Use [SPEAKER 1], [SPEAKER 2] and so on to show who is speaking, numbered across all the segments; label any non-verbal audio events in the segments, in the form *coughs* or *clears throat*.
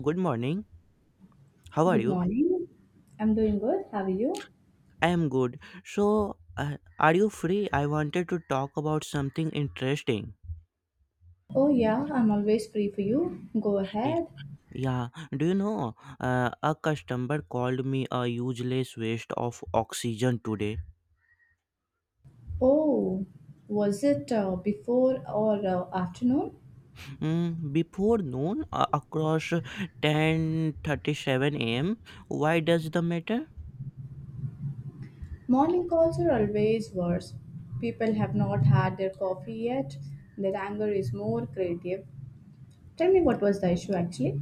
[SPEAKER 1] Good morning. How are
[SPEAKER 2] Good
[SPEAKER 1] you?
[SPEAKER 2] morning. I'm doing good. How are you?
[SPEAKER 1] I am good. So, are you free? I wanted to talk about something interesting.
[SPEAKER 2] Oh, yeah, I'm always free for you. Go
[SPEAKER 1] Ye-
[SPEAKER 2] ahead.
[SPEAKER 1] Yeah, do you know? A customer called me a useless waste of oxygen today.
[SPEAKER 2] Oh, was it before or afternoon?
[SPEAKER 1] Mm, before noon, across 10:37 a.m. Why does the matter?
[SPEAKER 2] Morning calls are always worse. People have not had their coffee yet. Their anger is more creative. Tell me what was the issue actually?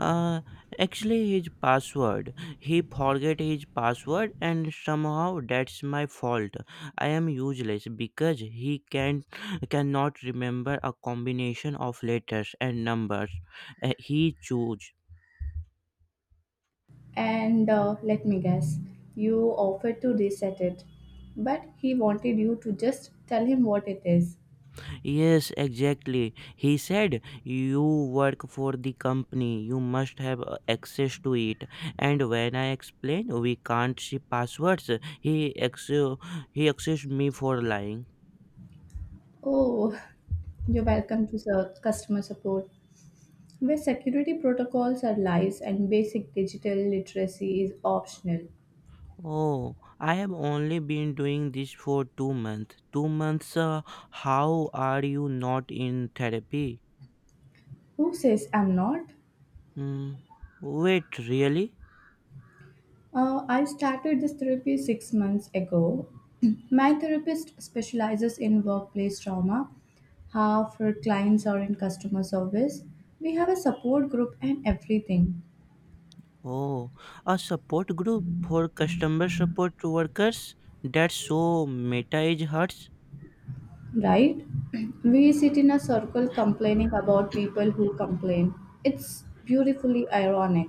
[SPEAKER 1] Uh, actually, his password. He forget his password, and somehow that's my fault. I am useless because he cannot remember a combination of letters and numbers. He chose.
[SPEAKER 2] And let me guess, you offered to reset it, but he wanted you to just tell him what it is.
[SPEAKER 1] Yes, exactly. He said you work for the company. You must have access to it. And when I explained we can't see passwords, he ex- he accused me for lying.
[SPEAKER 2] Oh, you're welcome to the customer support, where security protocols are lies and basic digital literacy is optional.
[SPEAKER 1] Oh, I have only been doing this for 2 months. 2 months? How are you not in therapy?
[SPEAKER 2] Who says I'm not?
[SPEAKER 1] Hmm. Wait, really?
[SPEAKER 2] I started this therapy 6 months ago. *clears throat* My therapist specializes in workplace trauma. Half her clients are in customer service. We have a support group and everything.
[SPEAKER 1] Oh, a support group for customer support workers? That's so meta it hurts.
[SPEAKER 2] Right? *clears throat* We sit in a circle complaining about people who complain. It's beautifully ironic.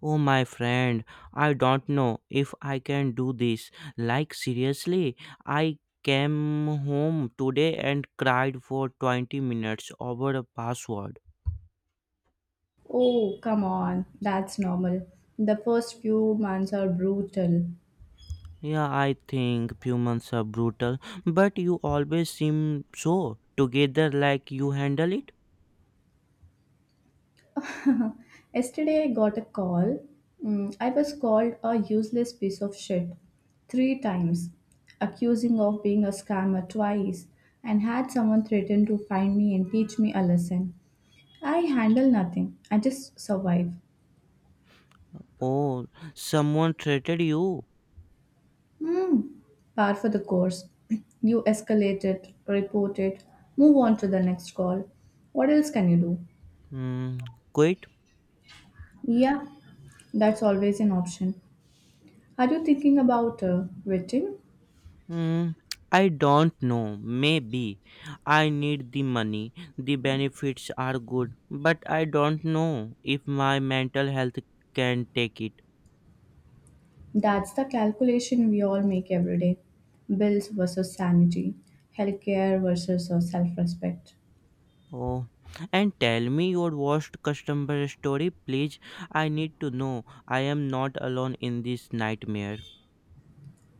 [SPEAKER 1] Oh, my friend, I don't know if I can do this. Like, seriously, I came home today and cried for 20 minutes over a password.
[SPEAKER 2] Oh, come on, that's normal. The first few months are brutal.
[SPEAKER 1] Yeah, I think humans are brutal, but you always seem so together like you handle it.
[SPEAKER 2] *laughs* Yesterday, I got a call. I was called a useless piece of shit three times, accusing of being a scammer twice, and had someone threaten to find me and teach me a lesson. I handle nothing, I just survive.
[SPEAKER 1] Oh, someone threatened you.
[SPEAKER 2] Hmm, par for the course. *clears throat* You escalate it, report it, move on to the next call. What else can you do?
[SPEAKER 1] Hmm, quit?
[SPEAKER 2] Yeah, that's always an option. Are you thinking about quitting?
[SPEAKER 1] Hmm, I don't know. Maybe. I need the money. The benefits are good, but I don't know if my mental health can take it.
[SPEAKER 2] That's the calculation we all make every day, bills versus sanity, healthcare versus self respect.
[SPEAKER 1] Oh, and tell me your worst customer story, please. I need to know. I am not alone in this nightmare.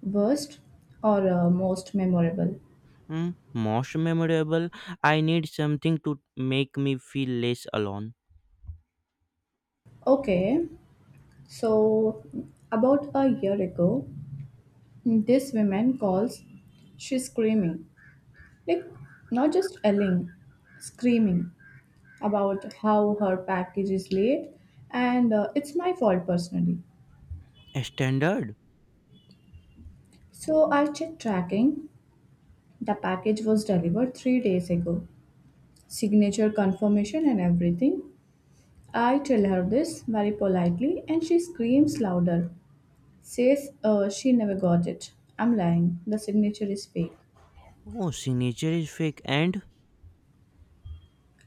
[SPEAKER 2] Worst or most memorable?
[SPEAKER 1] Mm, most memorable. I need something to make me feel less alone.
[SPEAKER 2] Okay, so about a year ago, this woman calls, she's screaming. Like, not just yelling, screaming about how her package is late and it's my fault personally.
[SPEAKER 1] Standard.
[SPEAKER 2] So I checked tracking. The package was delivered 3 days ago. Signature confirmation and everything. I tell her this very politely and she screams louder. Says she never got it. I'm lying. The signature is fake.
[SPEAKER 1] Oh, signature is fake. And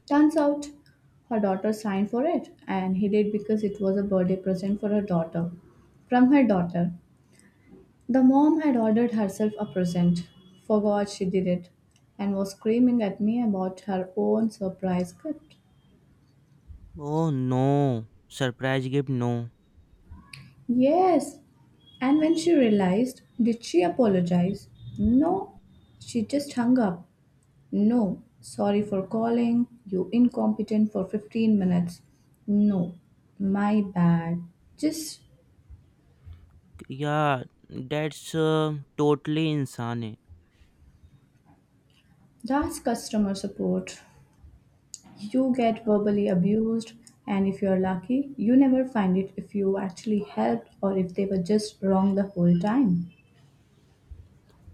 [SPEAKER 2] Turns out her daughter signed for it, and he did because it was a birthday present for her daughter. From her daughter. The mom had ordered herself a present, forgot she did it, and was screaming at me about her own surprise gift.
[SPEAKER 1] oh no, surprise gift no.
[SPEAKER 2] Yes, and when she realized, did she apologize? No, she just hung up. No, sorry for calling, you incompetent for 15 minutes. No, my bad. Just.
[SPEAKER 1] Yeah, that's totally insane. है.
[SPEAKER 2] That's customer support. You get verbally abused, and if you're lucky, you never find it if you actually helped or if they were just wrong the whole time.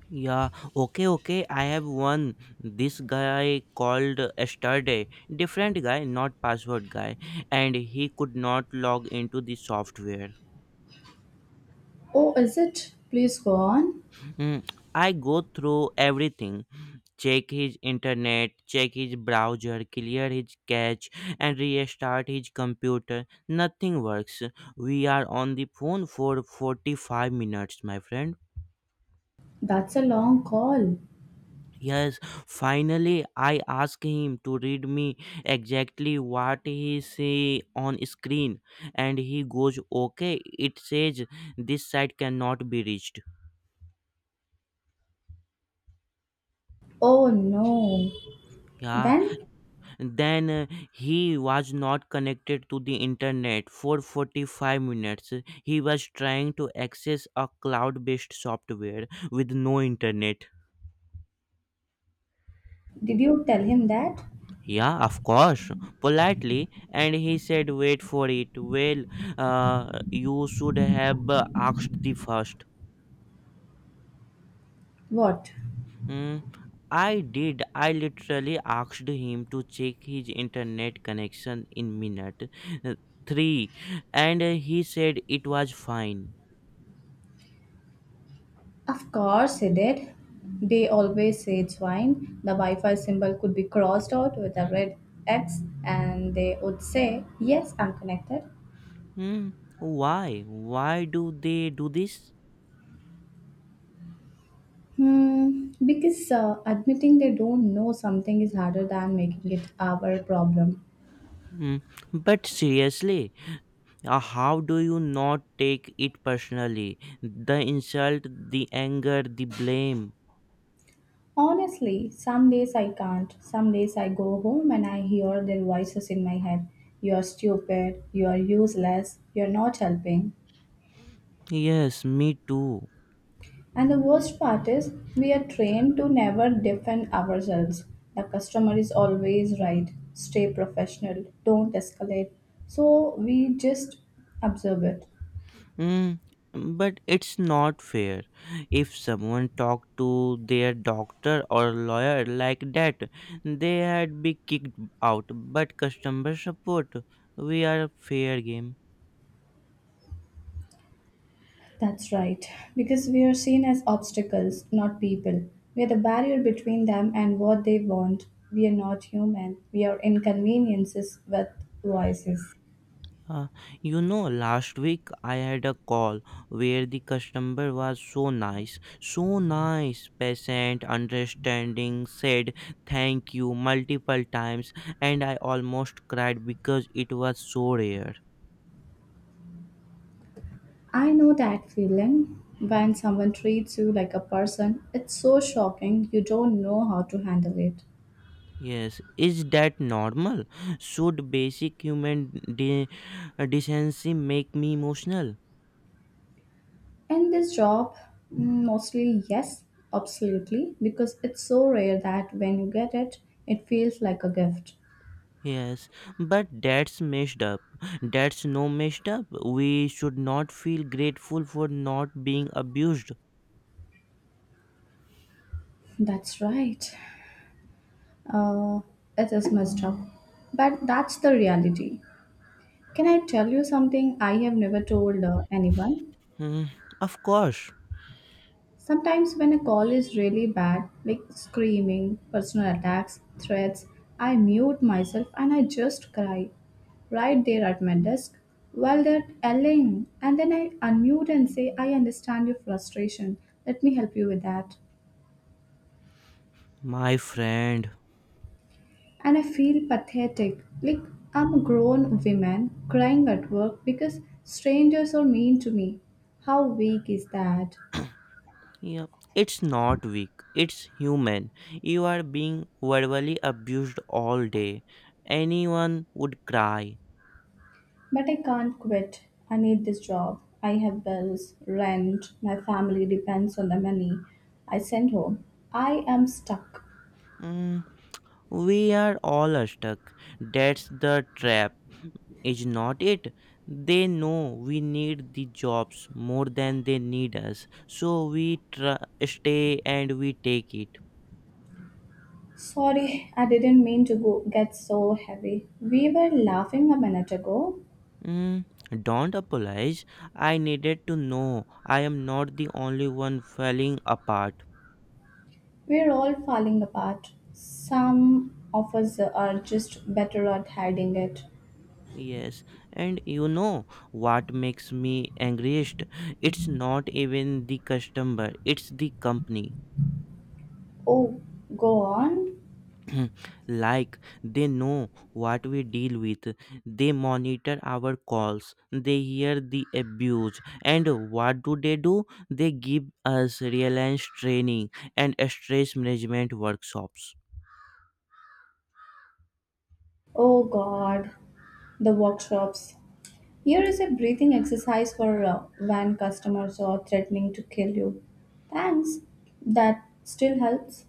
[SPEAKER 1] Yeah, okay, okay. I have one. This guy called yesterday. Different guy, not password guy, and he could not log into the software.
[SPEAKER 2] Oh, is it? Please go on.
[SPEAKER 1] Mm, I go through everything, check his internet, check his browser, clear his cache, and restart his computer. Nothing works. We are on the phone for 45 minutes, my friend.
[SPEAKER 2] That's a long call.
[SPEAKER 1] Yes, finally I asked him to read me exactly what he see on screen, and he goes, okay, it says this site cannot be reached.
[SPEAKER 2] Oh no.
[SPEAKER 1] Yeah.
[SPEAKER 2] Then,
[SPEAKER 1] Then he was not connected to the internet for 45 minutes. He was trying to access a cloud based software with no internet.
[SPEAKER 2] did you tell him that?
[SPEAKER 1] Yeah, of course, politely. And he said, wait for it. Well, you should have asked the first.
[SPEAKER 2] What?
[SPEAKER 1] Hmm, I did. I literally asked him to check his internet connection in minute uh, 3, and he said it was fine.
[SPEAKER 2] Of course he did. They always say it's fine. The Wi Fi symbol could be crossed out with a red X and they would say, "Yes, I'm connected."
[SPEAKER 1] Hmm. Why? Why do they do this?
[SPEAKER 2] Hmm, because admitting they don't know something is harder than making it our problem.
[SPEAKER 1] Hmm. But seriously, how do you not take it personally? The insult, the anger, the blame.
[SPEAKER 2] Honestly, some days I can't. Some days I go home and I hear their voices in my head. You're stupid, you're useless, you're not helping.
[SPEAKER 1] Yes, me too.
[SPEAKER 2] And the worst part is, we are trained to never defend ourselves. The customer is always right. Stay professional, don't escalate. So we just observe it.
[SPEAKER 1] Hmm. But it's not fair. If someone talked to their doctor or lawyer like that, they had be kicked out. But customer support, we are fair game.
[SPEAKER 2] That's right, because we are seen as obstacles, not people. We are the barrier between them and what they want. We are not human, we are inconveniences with voices.
[SPEAKER 1] Uh, you know, last week I had a call where the customer was so nice, patient, understanding, said thank you multiple times, and I almost cried because it was so rare.
[SPEAKER 2] I know that feeling. When someone treats you like a person, it's so shocking you don't know how to handle it.
[SPEAKER 1] Yes, is that normal? Should basic human de- decency make me emotional?
[SPEAKER 2] In this job, mm, mostly yes, absolutely, because it's so rare that when you get it, it feels like a gift.
[SPEAKER 1] Yes, but that's messed up. That's no messed up. We should not feel grateful for not being abused.
[SPEAKER 2] That's right. Uh, it is messed up. But that's the reality. Can I tell you something I have never told anyone?
[SPEAKER 1] Hmm, of course,
[SPEAKER 2] Sometimes when a call is really bad, like screaming, personal attacks, threats, I mute myself and I just cry right there at my desk while they're yelling. And then I unmute and say, "I understand your frustration. Let me help you with that."
[SPEAKER 1] my friend.
[SPEAKER 2] And I feel pathetic. Like I'm a grown woman crying at work because strangers are mean to me. How weak is that?
[SPEAKER 1] Yeah, it's not weak. It's human. You are being verbally abused all day. Anyone would cry.
[SPEAKER 2] But I can't quit. I need this job. I have bills, rent, my family depends on the money I send home. I am stuck.
[SPEAKER 1] Hmm, we are all stuck. That's the trap, is not it? They know we need the jobs more than they need us, so we stay and we take it.
[SPEAKER 2] Sorry, I didn't mean to go get so heavy. We were laughing a minute ago.
[SPEAKER 1] Mm, don't apologize. I needed to know I am not the only one falling apart.
[SPEAKER 2] We're all falling apart. Some of us are just better at hiding it.
[SPEAKER 1] Yes, and you know what makes me angriest? It's not even the customer, it's the company.
[SPEAKER 2] Oh, go on.
[SPEAKER 1] *clears throat* Mhm. Like, they know what we deal with, they monitor our calls, they hear the abuse, and what do they do? They give us reliance training and stress management workshops.
[SPEAKER 2] Oh, God. The workshops. Here is a breathing exercise for when customers are threatening to kill you. Thanks. That still helps.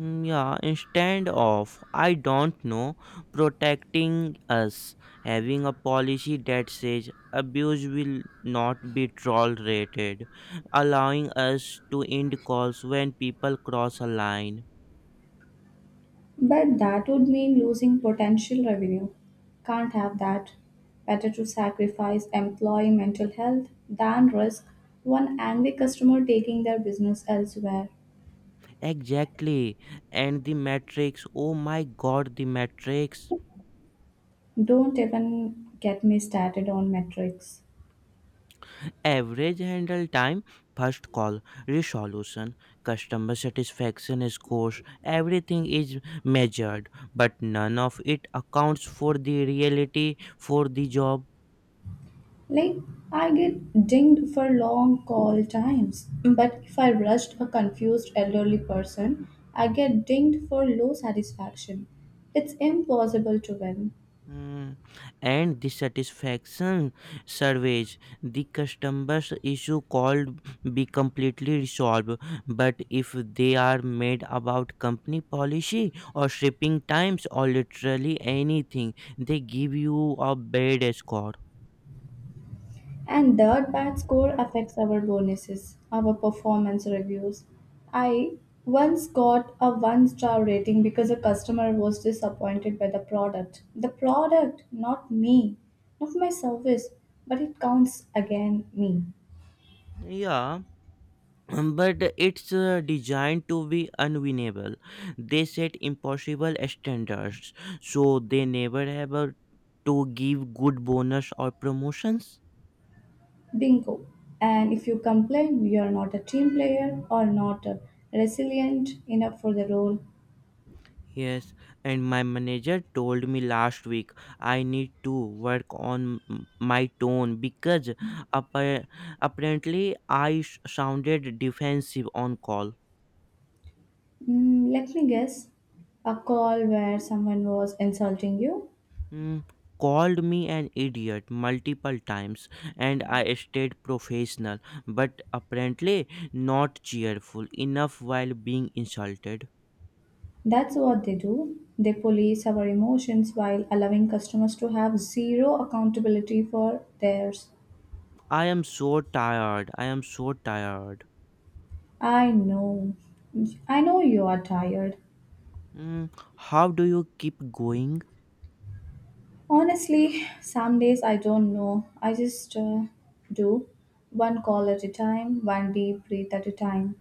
[SPEAKER 1] Mm, yeah, instead of, I don't know, protecting us, having a policy that says abuse will not be tolerated, allowing us to end calls when people cross a line.
[SPEAKER 2] But that would mean losing potential revenue. Can't have that. Better to sacrifice employee mental health than risk one angry customer taking their business elsewhere.
[SPEAKER 1] Exactly. And the matrix. Oh my god, the matrix.
[SPEAKER 2] Don't even get me started on metrics.
[SPEAKER 1] Average handle time, first call, resolution, customer satisfaction scores, everything is measured, but none of it accounts for the reality for the job.
[SPEAKER 2] Like, I get dinged for long call times, but if I rushed a confused elderly person, I get dinged for low satisfaction. It's impossible to win.
[SPEAKER 1] Mm. And dissatisfaction surveys, the customers issue called be completely resolved. But if they are made about company policy or shipping times or literally anything, they give you a bad score.
[SPEAKER 2] And that bad score affects our bonuses, our performance reviews. I once got a one star rating because a customer was disappointed by the product. The product, not me, not my service, but it counts again me.
[SPEAKER 1] Yeah. But it's designed to be unwinnable. They set impossible standards, so they never have to give good bonus or promotions.
[SPEAKER 2] Bingo. And if you complain you're not a team player or not resilient enough for the role,
[SPEAKER 1] Yes, and my manager told me last week I need to work on my tone because appa- apparently I sounded defensive on call.
[SPEAKER 2] mm, let me guess, a call where someone was insulting you.
[SPEAKER 1] Mm, called me an idiot multiple times, and I stayed professional but apparently not cheerful enough while being insulted.
[SPEAKER 2] That's what they do. They police our emotions while allowing customers to have zero accountability for theirs.
[SPEAKER 1] I am so tired. I am so tired.
[SPEAKER 2] I know. I know you are tired.
[SPEAKER 1] Mm, how do you keep going?
[SPEAKER 2] Honestly, some days I don't know. I just do one call at a time, one deep breath at a time.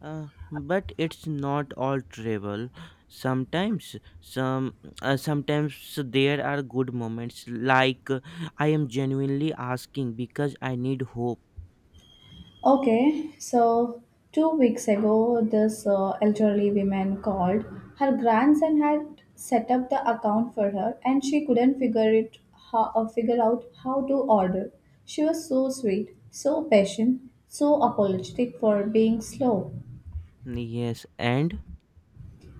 [SPEAKER 1] But it's not all travel. Sometimes, sometimes there are good moments. Like, I am genuinely asking because I need hope.
[SPEAKER 2] Okay, so 2 weeks ago, this elderly woman called. Her grandson had set up the account for her, and she couldn't figure out how to order. She was so sweet, so patient, so apologetic for being slow.
[SPEAKER 1] Yes, and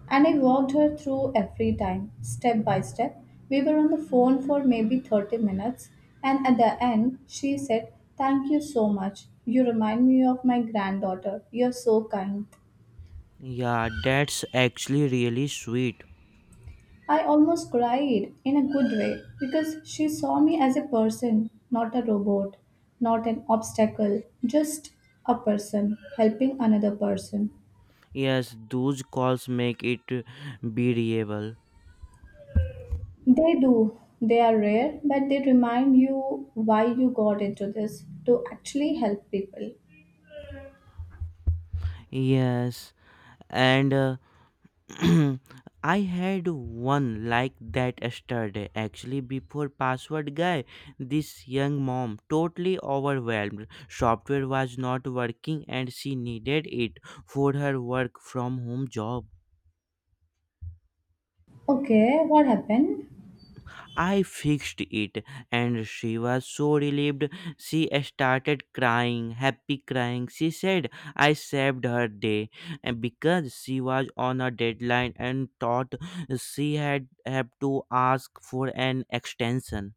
[SPEAKER 2] And I walked her through every time, step by step. We were on the phone for maybe 30 minutes, and at the end, she said, "Thank you so much. You remind me of my granddaughter. You're so kind."
[SPEAKER 1] yeah, that's actually really sweet.
[SPEAKER 2] I almost cried in a good way because she saw me as a person, not a robot, not an obstacle, just a person helping another person.
[SPEAKER 1] Yes, those calls make it bearable.
[SPEAKER 2] They do. They are rare, but they remind you why you got into this to actually help people.
[SPEAKER 1] Yes, and *clears throat* I had one like that yesterday. Actually, before password guy, this young mom totally overwhelmed. Software was not working and she needed it for her work from home job.
[SPEAKER 2] Okay, what happened?
[SPEAKER 1] I fixed it, and she was so relieved. She started crying, happy crying. She said I saved her day, and because she was on a deadline and thought she had have to ask for an extension.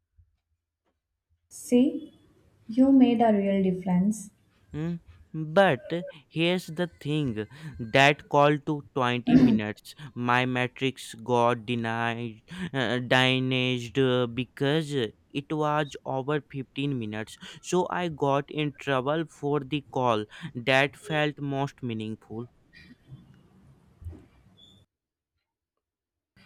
[SPEAKER 2] See, you made a real difference.
[SPEAKER 1] Hmm, but here's the thing, that call to 20 minutes. My matrix got denied, dynaged because it was over 15 minutes. So I got in trouble for the call that felt most meaningful.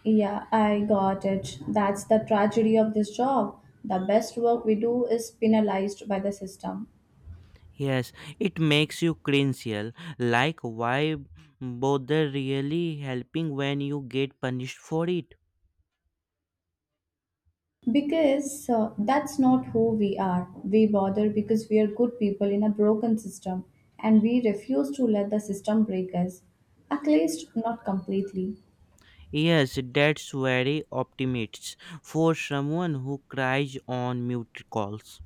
[SPEAKER 2] Yeah, I got it. That's the tragedy of this job. The best work we do is penalized by the system.
[SPEAKER 1] Yes, it makes you cringe. Yeah. Like, why bother really helping when you get punished for it?
[SPEAKER 2] Because that's not who we are. We bother because we are good people in a broken system and we refuse to let the system break us, at least not completely.
[SPEAKER 1] Yes, that's very optimist for someone who cries on mute calls.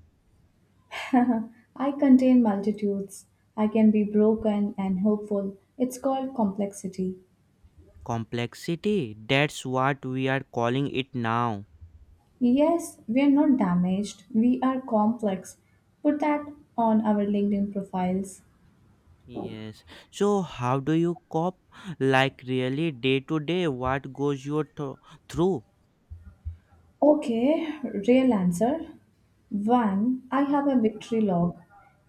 [SPEAKER 2] *laughs* I contain multitudes. I can be broken and hopeful. It's called complexity.
[SPEAKER 1] Complexity, that's what we are calling it now.
[SPEAKER 2] Yes, we are not damaged. We are complex. Put that on our LinkedIn profiles.
[SPEAKER 1] Yes. So how do you cope, like, really day to day, what goes your through?
[SPEAKER 2] Okay, real answer. One, I have a victory log.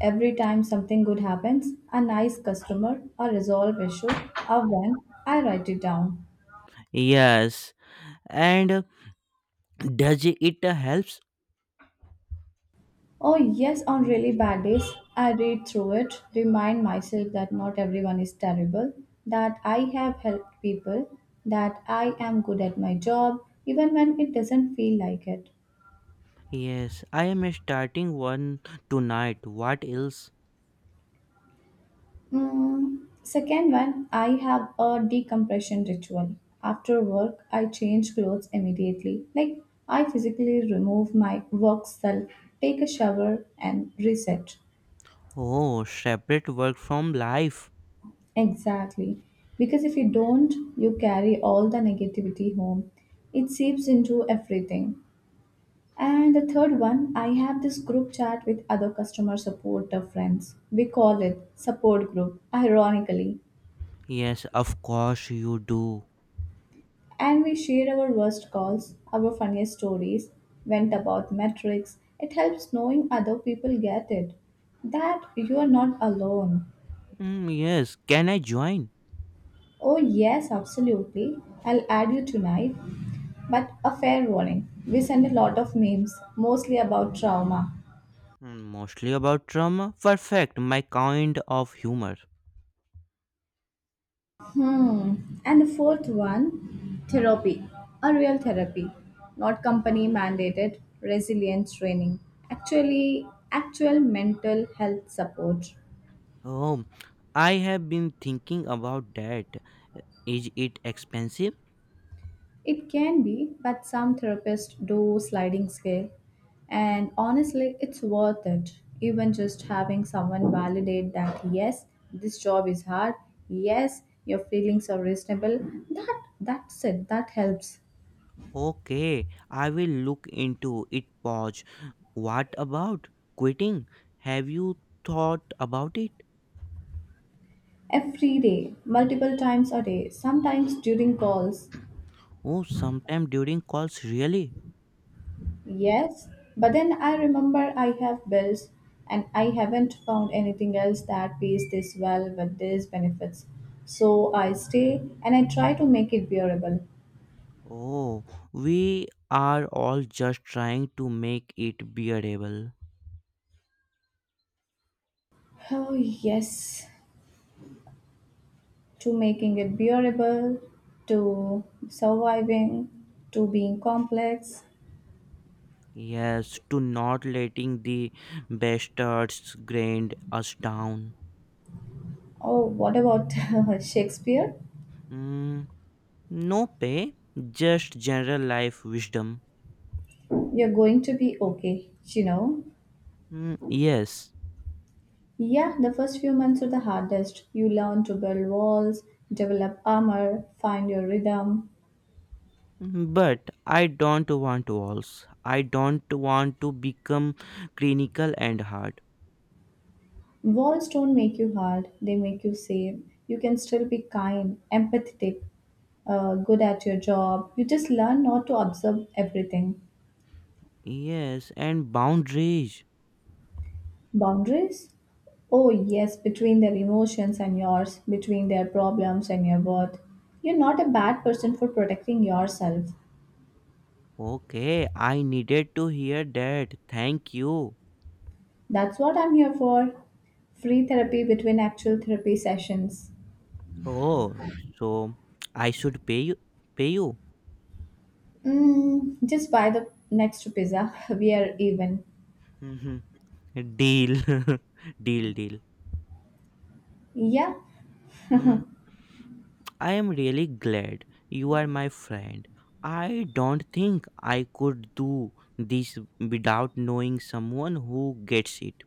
[SPEAKER 2] Every time something good happens, a nice customer, a resolve issue, a win, I write it down.
[SPEAKER 1] Yes. And does it helps?
[SPEAKER 2] Oh, yes, on really bad days, I read through it, remind myself that not everyone is terrible, that I have helped people, that I am good at my job, even when it doesn't feel like it.
[SPEAKER 1] Yes, I am starting one tonight. What else?
[SPEAKER 2] Mm, second one, I have a decompression ritual. After work, I change clothes immediately. Like, I physically remove my work self, take a shower, and reset.
[SPEAKER 1] Oh, separate work from life.
[SPEAKER 2] Exactly. Because if you don't, you carry all the negativity home. It seeps into everything. And the third one, I have this group chat with other customer support friends. We call it support group, ironically.
[SPEAKER 1] Yes, of course you do.
[SPEAKER 2] And we share our worst calls, our funniest stories, went about metrics. It helps knowing other people get it. That you are not alone.
[SPEAKER 1] Mm, yes, can I join?
[SPEAKER 2] Oh, yes, absolutely. I'll add you tonight. But a fair warning, we send a lot of memes, mostly about trauma.
[SPEAKER 1] Mm, mostly about trauma. Perfect, my kind of humor.
[SPEAKER 2] Hmm. And the fourth one, therapy. A real therapy, not company mandated resilience training. Actual mental health support.
[SPEAKER 1] Oh, I have been thinking about that. Is it expensive?
[SPEAKER 2] It can be, but some therapists do sliding scale. And honestly, it's worth it. Even just having someone validate that yes, this job is hard, yes, your feelings are reasonable, that's it, that helps.
[SPEAKER 1] Okay, I will look into it. Pause. What about quitting? Have you thought about it?
[SPEAKER 2] Every day, multiple times a day, sometimes during calls.
[SPEAKER 1] Oh, sometime during calls, really?
[SPEAKER 2] Yes, but then I remember I have bills and I haven't found anything else that pays this well with these benefits. So I stay and I try to make it bearable.
[SPEAKER 1] Oh, we are all just trying to make it bearable.
[SPEAKER 2] Oh, yes, to making it bearable, to surviving, to being complex.
[SPEAKER 1] Yes, to not letting the bastards grind us down.
[SPEAKER 2] Oh, what about *laughs* Shakespeare?
[SPEAKER 1] Mm, no pay, just general life wisdom.
[SPEAKER 2] You're going to be okay, you know.
[SPEAKER 1] Mm, yes,
[SPEAKER 2] Yeah, the first few months are the hardest. You learn to build walls, develop armor, find your rhythm.
[SPEAKER 1] but I don't want walls. I don't want to become clinical and hard.
[SPEAKER 2] Walls don't make you hard, they make you safe. You can still be kind, empathetic, good at your job. You just learn not to observe everything.
[SPEAKER 1] Yes, and boundaries.
[SPEAKER 2] Boundaries? Oh, yes, between their emotions and yours, between their problems and your worth. You're not a bad person for protecting yourself.
[SPEAKER 1] Okay, I needed to hear that. Thank you.
[SPEAKER 2] That's what I'm here for. Free therapy between actual therapy sessions.
[SPEAKER 1] Oh, so I should pay you. Pay you.
[SPEAKER 2] Just buy the next pizza. *laughs* We are even.
[SPEAKER 1] *laughs* Deal, *laughs* deal, deal.
[SPEAKER 2] Yeah,
[SPEAKER 1] Mm, I am really glad you are my friend. I don't think I could do this without knowing someone who gets it.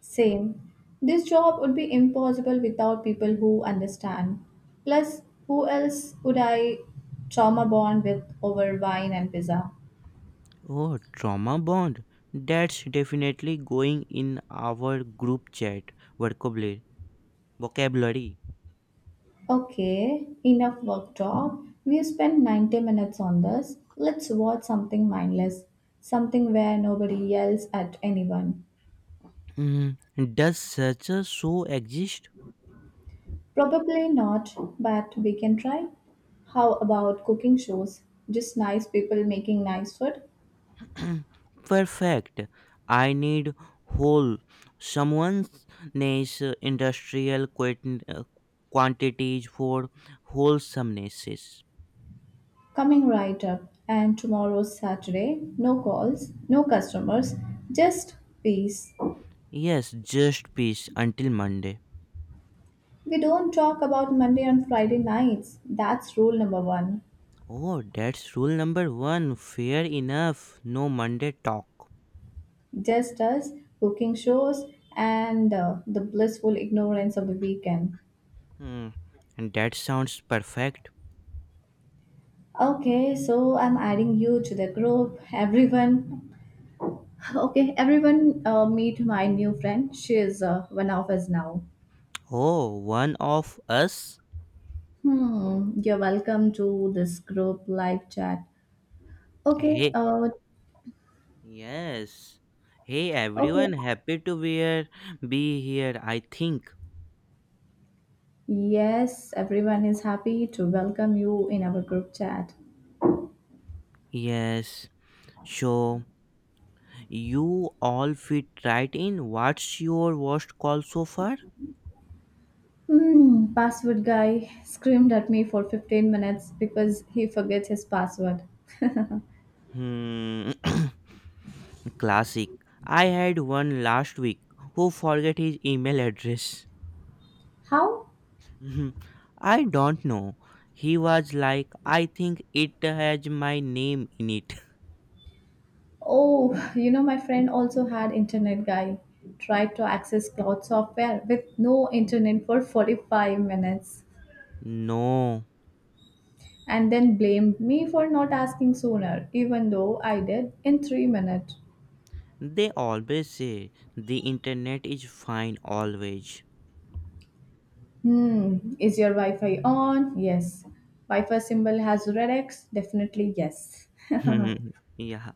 [SPEAKER 2] same. This job would be impossible without people who understand. Plus, who else would I trauma bond with over wine and pizza?
[SPEAKER 1] Oh, trauma bond. That's definitely going in our group chat vocabulary. Vocabulary.
[SPEAKER 2] Okay, enough work talk. We spent 90 minutes on this. Let's watch something mindless, something where nobody yells at anyone.
[SPEAKER 1] Mm, does such a show exist?
[SPEAKER 2] Probably not, but we can try. How about cooking shows? Just nice people making nice food?
[SPEAKER 1] *clears throat* Perfect. I need whole someone's nice industrial quantities for wholesomenesses.
[SPEAKER 2] Coming right up. And tomorrow's Saturday, no calls, no customers, just peace.
[SPEAKER 1] Yes, just peace until Monday.
[SPEAKER 2] We don't talk about Monday and Friday nights. That's rule number one.
[SPEAKER 1] Oh, that's rule number one. Fair enough. No Monday talk.
[SPEAKER 2] Just us, cooking shows, and the blissful ignorance of the weekend.
[SPEAKER 1] Hmm. And that sounds perfect.
[SPEAKER 2] Okay, so I'm adding you to the group. Everyone Okay, everyone, meet my new friend. She is one of us now.
[SPEAKER 1] Oh, one of us?
[SPEAKER 2] Hmm, you're welcome to this group live chat. Okay,
[SPEAKER 1] Hey,
[SPEAKER 2] uh,
[SPEAKER 1] yes. Hey
[SPEAKER 2] okay.
[SPEAKER 1] everyone, happy to be here. Be here, I think.
[SPEAKER 2] Yes, everyone is happy to welcome you in our group chat.
[SPEAKER 1] Yes. So you all fit right in. What's your worst call so far?
[SPEAKER 2] Hmm, password guy screamed at me for 15 minutes because he forgets his password.
[SPEAKER 1] Hmm, *coughs* *clears throat* classic. I had one last week who forget his email address.
[SPEAKER 2] *laughs* How?
[SPEAKER 1] Mhm. I don't know. He was like, I think it has my name in it. *laughs*
[SPEAKER 2] Oh, you know, my friend also had internet guy. Tried to access cloud software with no internet for 45 minutes
[SPEAKER 1] No,
[SPEAKER 2] and then blamed me for not asking sooner, even though I did in 3 minutes.
[SPEAKER 1] they always say the internet is fine always.
[SPEAKER 2] Hmm, is your Wi Fi on? Yes. Wi Fi symbol has red X? Definitely yes. *laughs*
[SPEAKER 1] *laughs* Yeah,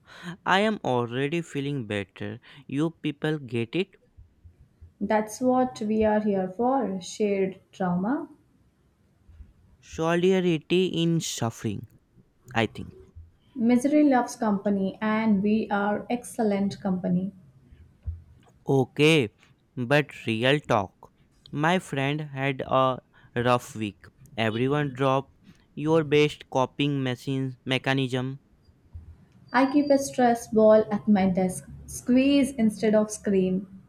[SPEAKER 1] I am already feeling better. You people get it?
[SPEAKER 2] That's what we are here for, shared trauma.
[SPEAKER 1] Solidarity in suffering, I think.
[SPEAKER 2] Misery loves company, and we are excellent company.
[SPEAKER 1] Okay, but real talk. My friend had a rough week. Everyone drop your best coping machine mechanism.
[SPEAKER 2] I keep a stress ball at my desk, squeeze instead of scream.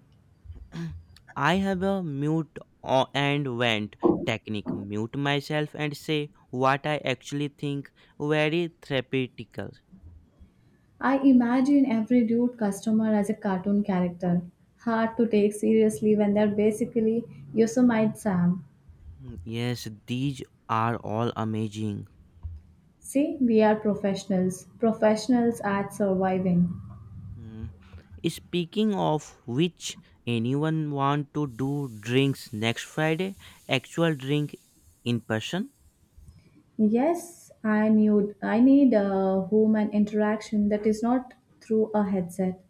[SPEAKER 1] I have a mute and vent technique. Mute myself and say what I actually think. Very therapeutical.
[SPEAKER 2] I imagine every rude customer as a cartoon character, hard to take seriously when they're basically Yosemite Sam.
[SPEAKER 1] Yes, these are all amazing.
[SPEAKER 2] See, we are professionals, professionals at surviving.
[SPEAKER 1] Mm. Speaking of which, anyone want to do drinks next Friday? Actual drink in person?
[SPEAKER 2] Yes, I need a human interaction that is not through a headset.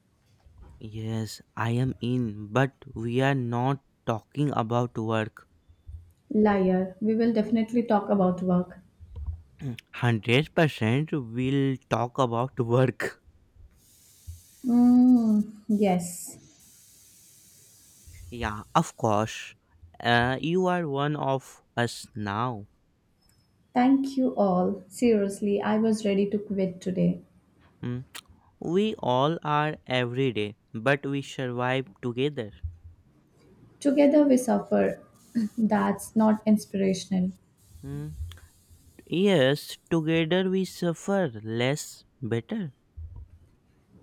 [SPEAKER 1] Yes, I am in, but we are not talking about work.
[SPEAKER 2] Liar. We will definitely talk about work.
[SPEAKER 1] 100% we'll talk about work.
[SPEAKER 2] Mm, yes.
[SPEAKER 1] Yeah, of course. You are one of us now.
[SPEAKER 2] Thank you all. Seriously, I was ready to quit today.
[SPEAKER 1] Mm. We all are every day, but we survive together.
[SPEAKER 2] Together we suffer. *laughs* *clears throat* That's not inspirational.
[SPEAKER 1] Hmm. Yes, together we suffer less better.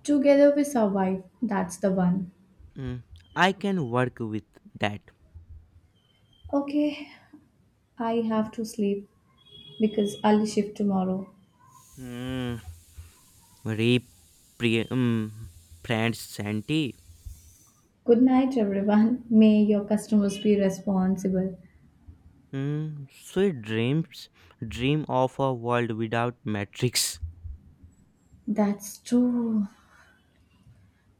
[SPEAKER 2] Together we survive. That's the one.
[SPEAKER 1] Mm, I can work with that.
[SPEAKER 2] Okay, I have to sleep because I'll shift tomorrow.
[SPEAKER 1] Mm, repre- mm, friend Santi.
[SPEAKER 2] Good night, everyone. *laughs* May your customers be responsible.
[SPEAKER 1] Mm, sweet dreams. Dream of a world without matrix.
[SPEAKER 2] That's true.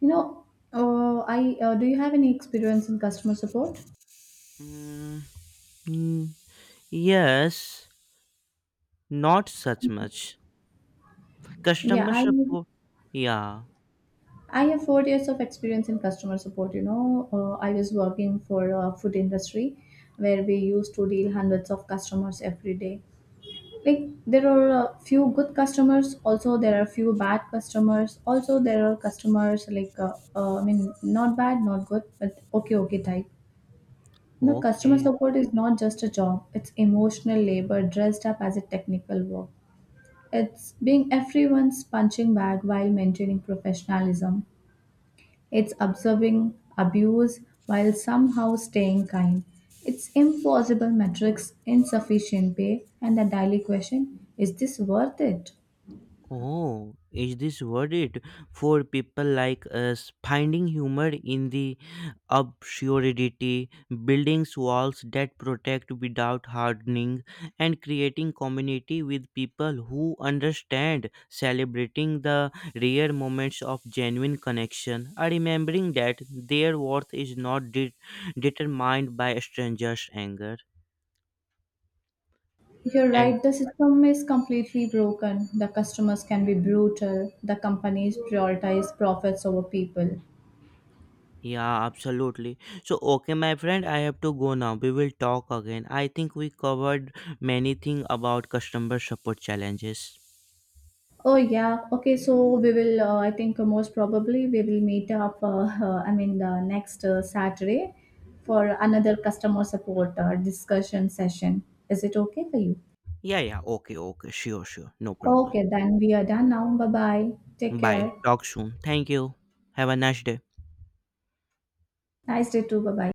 [SPEAKER 2] You know, I do you have any experience in customer support?
[SPEAKER 1] Mm, mm, yes, not such much.
[SPEAKER 2] Yeah,
[SPEAKER 1] Customer
[SPEAKER 2] I
[SPEAKER 1] support. Yeah,
[SPEAKER 2] I have 4 years of experience in customer support. You know, I was working for a food industry where we used to deal hundreds of customers every day. Like there are a few good customers, also there are few bad customers. Also there are customers like I mean, not bad, not good, but okay, okay type. No, customer
[SPEAKER 1] okay.
[SPEAKER 2] support is not just a job; it's emotional labor dressed up as a technical work. It's being everyone's punching bag while maintaining professionalism. It's observing abuse while somehow staying kind. It's impossible metrics, insufficient pay, and the daily question is this worth it?
[SPEAKER 1] Oh, is this worth it for people like us? Finding humor in the absurdity, building walls that protect without hardening, and creating community with people who understand, celebrating the rare moments of genuine connection, are remembering that their worth is not determined by strangers' anger.
[SPEAKER 2] You're
[SPEAKER 1] And
[SPEAKER 2] right, the system is completely broken. The customers can be brutal. The companies prioritize profits over people.
[SPEAKER 1] yeah, absolutely. So, okay, my friend, I have to go now. We will talk again. I think we covered many things about customer support challenges.
[SPEAKER 2] Oh yeah, okay. So we will. I think most probably we will meet up. I mean, the next Saturday for another customer support discussion session. Is it okay for you?
[SPEAKER 1] Yeah, yeah, okay, okay, sure, sure, no problem.
[SPEAKER 2] Okay, then we are done now. Bye bye. Take
[SPEAKER 1] Bye.
[SPEAKER 2] care.
[SPEAKER 1] Talk soon. Thank you. Have a nice day.
[SPEAKER 2] Nice day too. Bye bye.